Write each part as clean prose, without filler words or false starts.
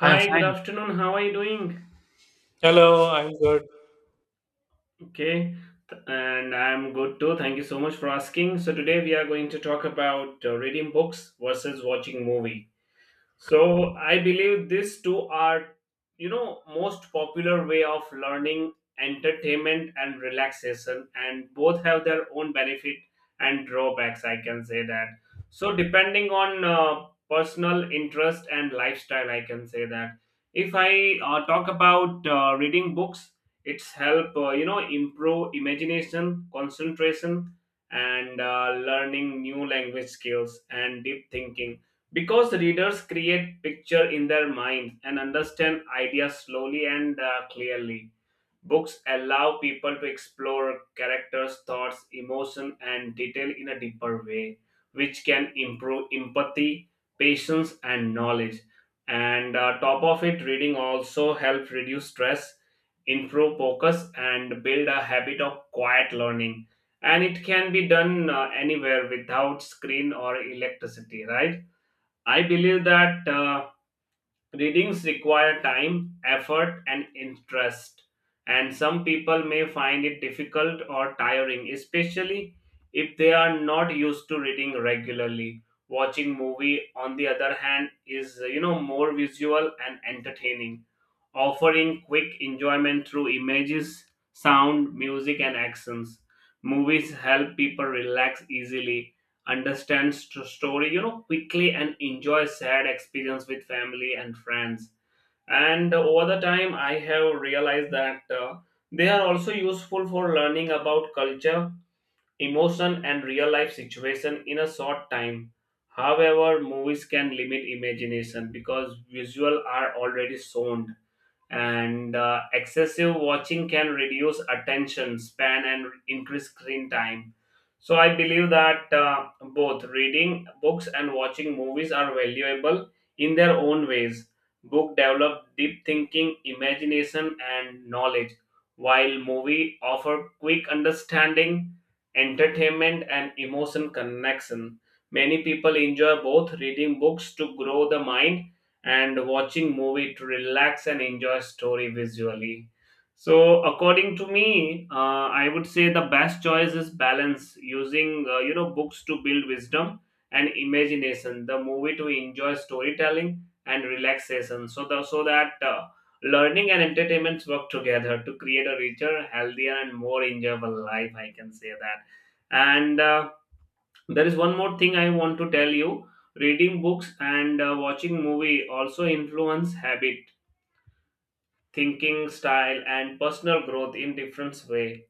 I am good fine. afternoon. How are you doing? Hello, I'm good. Okay, and I'm good too. Thank you so much for asking. So, today we are going to talk about reading books versus watching movie. So I believe these two are, most popular way of learning, entertainment and relaxation, and both have their own benefit and drawbacks. I can say that. So depending on personal interest and lifestyle, I can say that. If I talk about reading books, it's help you know improve imagination, concentration, and learning new language skills and deep thinking, because readers create picture in their mind and understand ideas slowly and clearly. Books allow people to explore characters thoughts emotion and detail in a deeper way which can improve empathy, patience and knowledge. And top of it, reading also helps reduce stress, improve focus and build a habit of quiet learning, and it can be done anywhere without screen or electricity, right? I believe that readings require time, effort, and interest, and some people may find it difficult or tiring, especially if they are not used to reading regularly. Watching movie, on the other hand, is you know more visual and entertaining, offering quick enjoyment through images, sound, music, and accents. Movies help people relax easily, understand story, you know, quickly, and enjoy sad experience with family and friends. And over the time, I have realized that they are also useful for learning about culture, emotion, and real life situation in a short time. However, movies can limit imagination because visual are already shown, and excessive watching can reduce attention span and increase screen time. So I believe that both reading books and watching movies are valuable in their own ways. Book develop deep thinking, imagination and knowledge, while movie offer quick understanding, entertainment and emotion connection. Many people enjoy both, reading books to grow the mind and watching movie to relax and enjoy story visually. So according to me, I would say the best choice is balance, using you know books to build wisdom and imagination, the movie to enjoy storytelling and relaxation, so that learning and entertainment work together to create a richer, healthier and more enjoyable life, I can say that. And there is one more thing I want to tell you. Reading books and watching movie also influence habit, thinking style and personal growth in different way.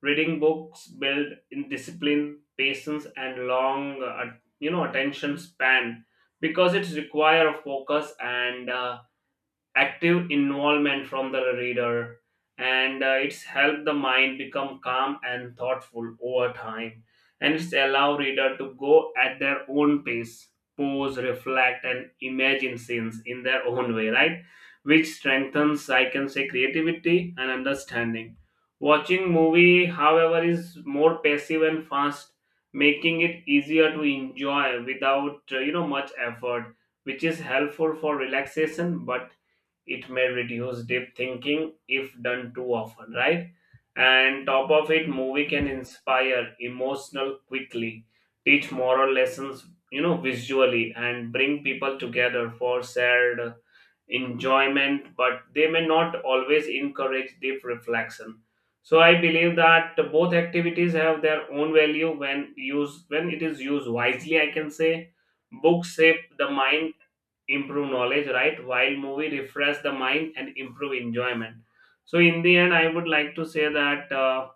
Reading books build in discipline, patience and long you know attention span, because it's require of focus and active involvement from the reader, and it's helped the mind become calm and thoughtful over time, and it's allow reader to go at their own pace, pose, reflect and imagine scenes in their own way, right? Which strengthens, I can say, creativity and understanding. Watching movie, however, is more passive and fast, making it easier to enjoy without you know much effort, which is helpful for relaxation, but it may reduce deep thinking if done too often, right? And top of it, movie can inspire emotional quickly, teach moral lessons, you know, visually, and bring people together for shared enjoyment, but they may not always encourage deep reflection. So I believe that both activities have their own value when used, when it is used wisely, I can say. Books shape the mind, improve knowledge, right? While movie refresh the mind and improve enjoyment. So in the end, I would like to say that.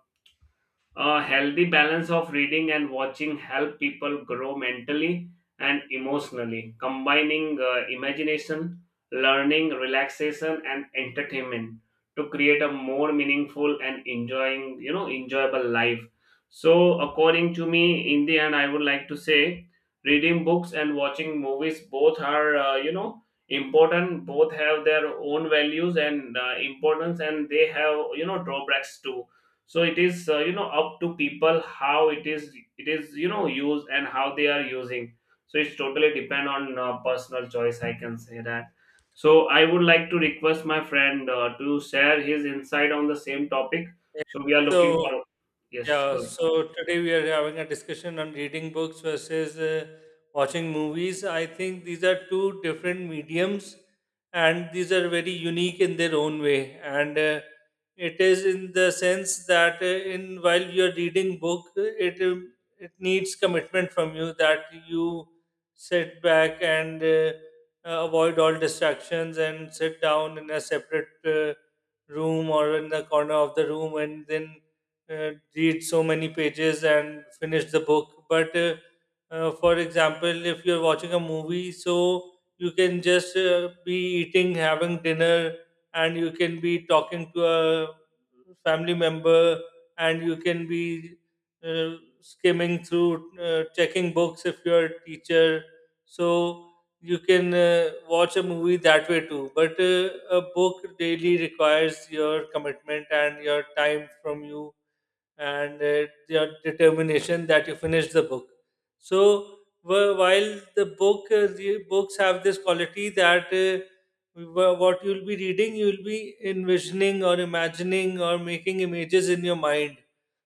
A healthy balance of reading and watching help people grow mentally and emotionally, combining imagination, learning, relaxation, and entertainment to create a more meaningful and enjoyable life. So, according to me, in the end, I would like to say, reading books and watching movies both are, important. Both have their own values and importance, and they have, you know, drawbacks too. So it is, you know, up to people how it is, it is you know used and how they are using. So it's totally depend on personal choice, I can say that. So I would like to request my friend to share his insight on the same topic. Yeah, So we are looking So, for, yes, Yeah, go. so today we are having a discussion on reading books versus watching movies. I think these are two different mediums and these are very unique in their own way. And it is in the sense that in while you're reading book, it um, it needs commitment from you that you sit back and avoid all distractions and sit down in a separate room or in the corner of the room and then read so many pages and finish the book. But for example, if you're watching a movie, so you can just be eating, having dinner, and you can be talking to a family member, and you can be uh, skimming through, checking books if you're a teacher. So you can watch a movie that way too. But a book daily requires your commitment and your time from you and your determination that you finish the book. So wh- while the book the books have this quality that what you'll be reading, you'll be envisioning or imagining or making images in your mind.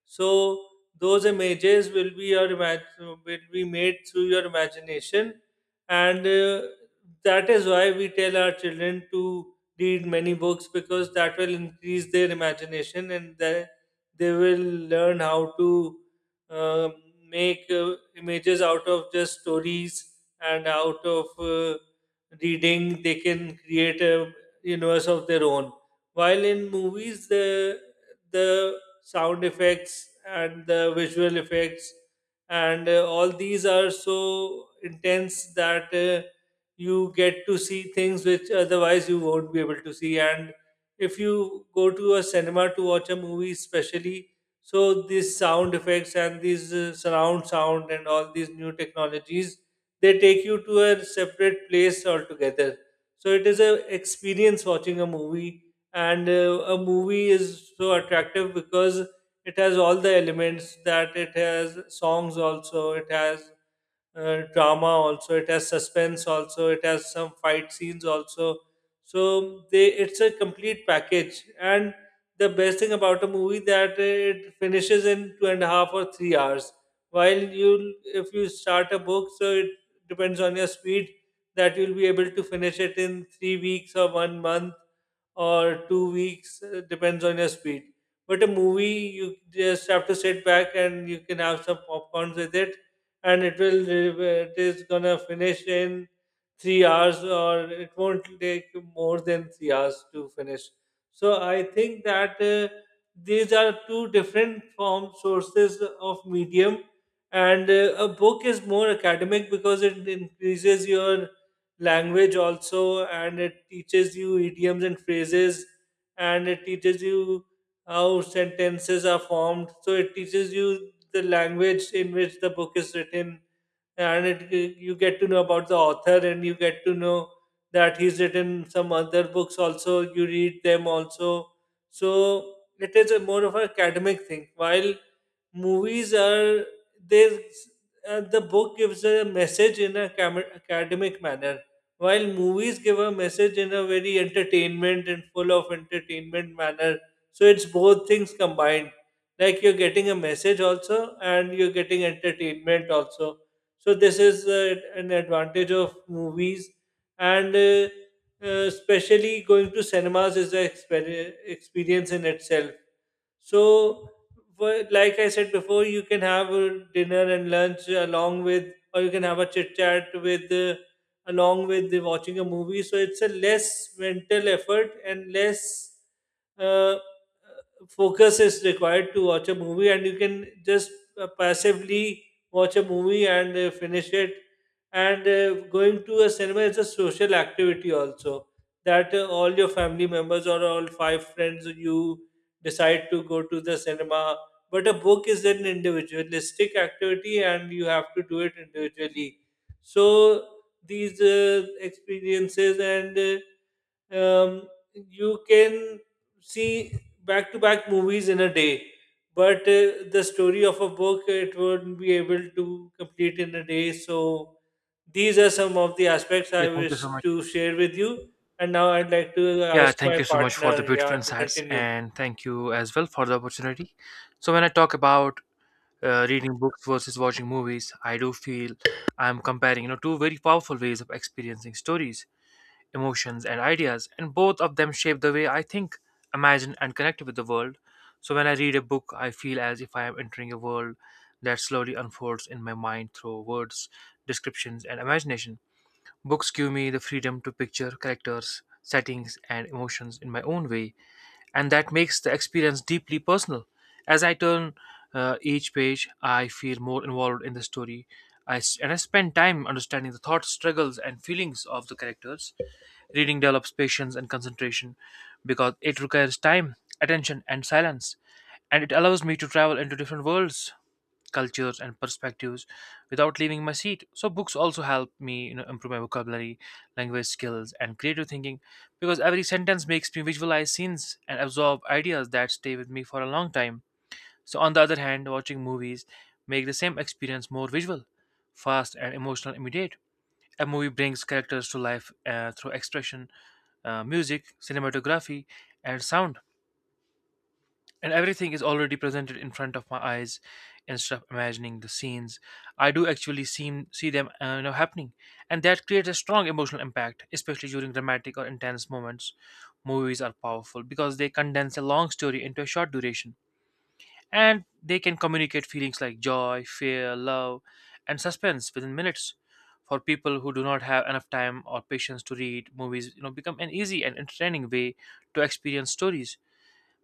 So those images will be your will be made through your imagination, and that is why we tell our children to read many books because that will increase their imagination, and their they will learn how to uh, make images out of just stories and out of reading. They can create a universe of their own, while in movies the sound effects and the visual effects and all these are so intense that you get to see things which otherwise you won't be able to see. And if you go to a cinema to watch a movie especially, so these sound effects and these surround sound and all these new technologies, they take you to a separate place altogether. So it is a experience watching a movie, and a movie is so attractive because it has all the elements, that it has songs also, it has drama also, it has suspense also, it has some fight scenes also. So they it's a complete package. And the best thing about a movie that it finishes in two and a half or 3 hours. While you, if you start a book, so it depends on your speed that you'll be able to finish it in 3 weeks or 1 month or 2 weeks, depends on your speed. But a movie, you just have to sit back and you can have some popcorns with it, and it is gonna finish in 3 hours, or it won't take more than 3 hours to finish. So I think that these are two different form sources of medium. And a book is more academic because it increases your language also, and it teaches you idioms and phrases, and it teaches you how sentences are formed, so it teaches you the language in which the book is written. And it, you get to know about the author, and you get to know that he's written some other books also, you read them also. So it is a more of an academic thing, while movies are, they the book gives a message in a academic manner, while movies give a message in a very entertainment and full of entertainment manner. So it's both things combined, like you're getting a message also and you're getting entertainment also. So this is an advantage of movies. And especially going to cinemas is an experience in itself. So, like I said before, you can have a dinner and lunch along with, or you can have a chit chat with, along with the watching a movie. So it's a less mental effort and less uh, focus is required to watch a movie, and you can just passively watch a movie and finish it. And going to a cinema is a social activity also, that all your family members or all 5 friends you decide to go to the cinema. But a book is an individualistic activity and you have to do it individually. So these experiences and uh, um, you can see back to back movies in a day. But the story of a book, it won't be able to complete in a day. So these are some of the aspects Yeah, I thank you wish so much. to share with you. And now I'd like to Yeah, ask thank my you so much for the partner, beautiful yeah, to insights, continue. and thank you as well for the opportunity. So, when I talk about reading books versus watching movies, I do feel I'm comparing, two very powerful ways of experiencing stories, emotions, and ideas, and both of them shape the way I think, imagine, and connect with the world. So, when I read a book, I feel as if I am entering a world that slowly unfolds in my mind through words, descriptions, and imagination. Books give me the freedom to picture characters, settings, and emotions in my own way, and that makes the experience deeply personal. As I turn each page, I feel more involved in the story. And I spend time understanding the thoughts, struggles, and feelings of the characters. Reading develops patience and concentration because it requires time, attention, and silence, and it allows me to travel into different worlds, cultures, and perspectives without leaving my seat. So books also help me, improve my vocabulary, language skills, and creative thinking because every sentence makes me visualize scenes and absorb ideas that stay with me for a long time. So, on the other hand, watching movies make the same experience more visual, fast, and emotional immediate. A movie brings characters to life through expression, music, cinematography, and sound, and everything is already presented in front of my eyes instead of imagining the scenes. I do actually see them, happening, and that creates a strong emotional impact, especially during dramatic or intense moments. Movies are powerful because they condense a long story into a short duration, and they can communicate feelings like joy, fear, love, and suspense within minutes. For people who do not have enough time or patience to read, movies become an easy and entertaining way to experience stories.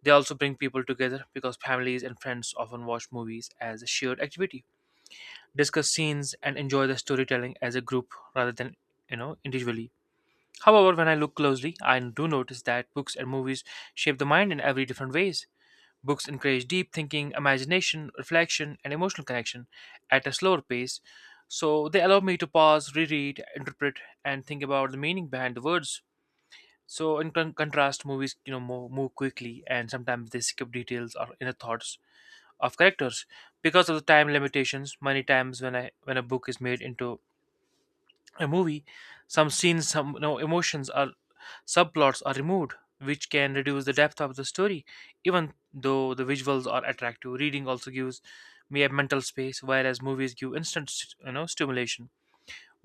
They also bring people together because families and friends often watch movies as a shared activity, discuss scenes, and enjoy the storytelling as a group rather than individually. However, when I look closely, I do notice that books and movies shape the mind in every different ways. Books encourage deep thinking, imagination, reflection, and emotional connection at a slower pace, so they allow me to pause, reread, interpret, and think about the meaning behind the words. So, in contrast, movies move quickly, and sometimes they skip details or inner thoughts of characters because of the time limitations. Many times, when a book is made into a movie, some scenes, some emotions or subplots are removed, which can reduce the depth of the story. Even though the visuals are attractive, reading also gives me a mental space, whereas movies give instant stimulation.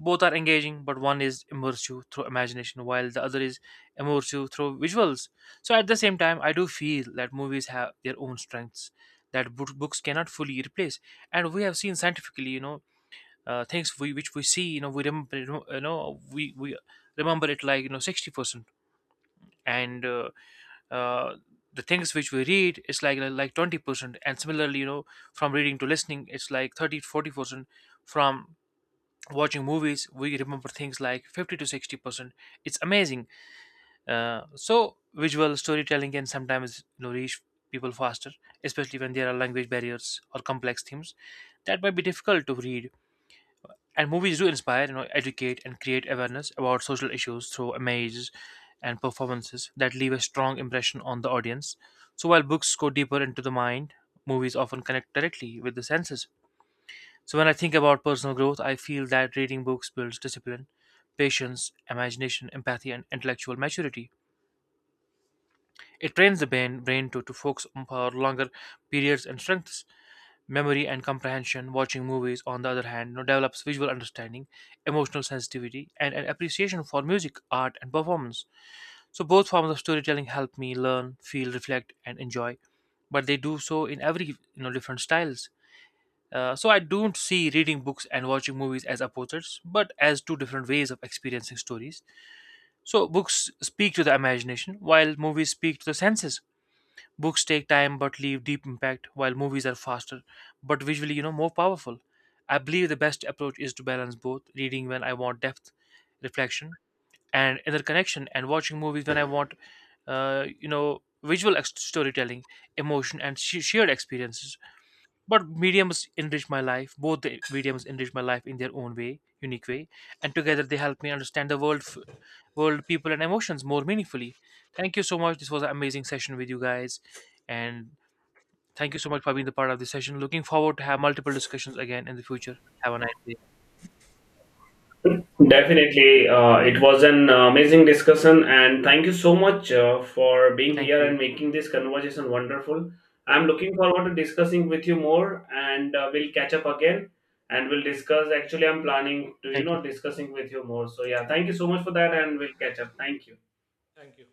Both are engaging, but one is immersive you through imagination, while the other is immersive you through visuals. So at the same time, I do feel that movies have their own strengths that books cannot fully replace. And we have seen scientifically, things which we see, we remember it like, 60%. And uh, the things which we read is like 20%. And similarly, from reading to listening, it's like 30 40%. From watching movies, we remember things like 50 to 60%. It's amazing. So visual storytelling can sometimes, reach people faster, especially when there are language barriers or complex themes that might be difficult to read. And movies do inspire, educate, and create awareness about social issues through images and performances that leave a strong impression on the audience. So while books go deeper into the mind, movies often connect directly with the senses. So when I think about personal growth, I feel that reading books builds discipline, patience, imagination, empathy, and intellectual maturity. It trains the brain to focus on for longer periods and strengths memory and comprehension. Watching movies, on the other hand, develops visual understanding, emotional sensitivity, and an appreciation for music, art, and performance. So both forms of storytelling help me learn, feel, reflect, and enjoy, but they do so in every different styles. So I don't see reading books and watching movies as opposites, but as two different ways of experiencing stories. So books speak to the imagination, while movies speak to the senses. Books take time but leave deep impact, while movies are faster, but visually, more powerful. I believe the best approach is to balance both, reading when I want depth, reflection, and interconnection, and watching movies when I want, visual storytelling, emotion, and shared experiences. But mediums enrich my life Both the mediums enrich my life in their own way, unique way, and together they help me understand the world, people, and emotions more meaningfully. Thank you so much. This was an amazing session with you guys, and thank you so much for being the part of this session. Looking forward to have multiple discussions again in the future. Have a nice day. Definitely, it was an amazing discussion, and thank you so much for being Thank here and you. making this conversation wonderful. I'm looking forward to discussing with you more, and we'll catch up again and we'll discuss. Actually, I'm planning to, you Thank you. know, discussing with you more. So, yeah, thank you so much for that, and we'll catch up. Thank you. Thank you.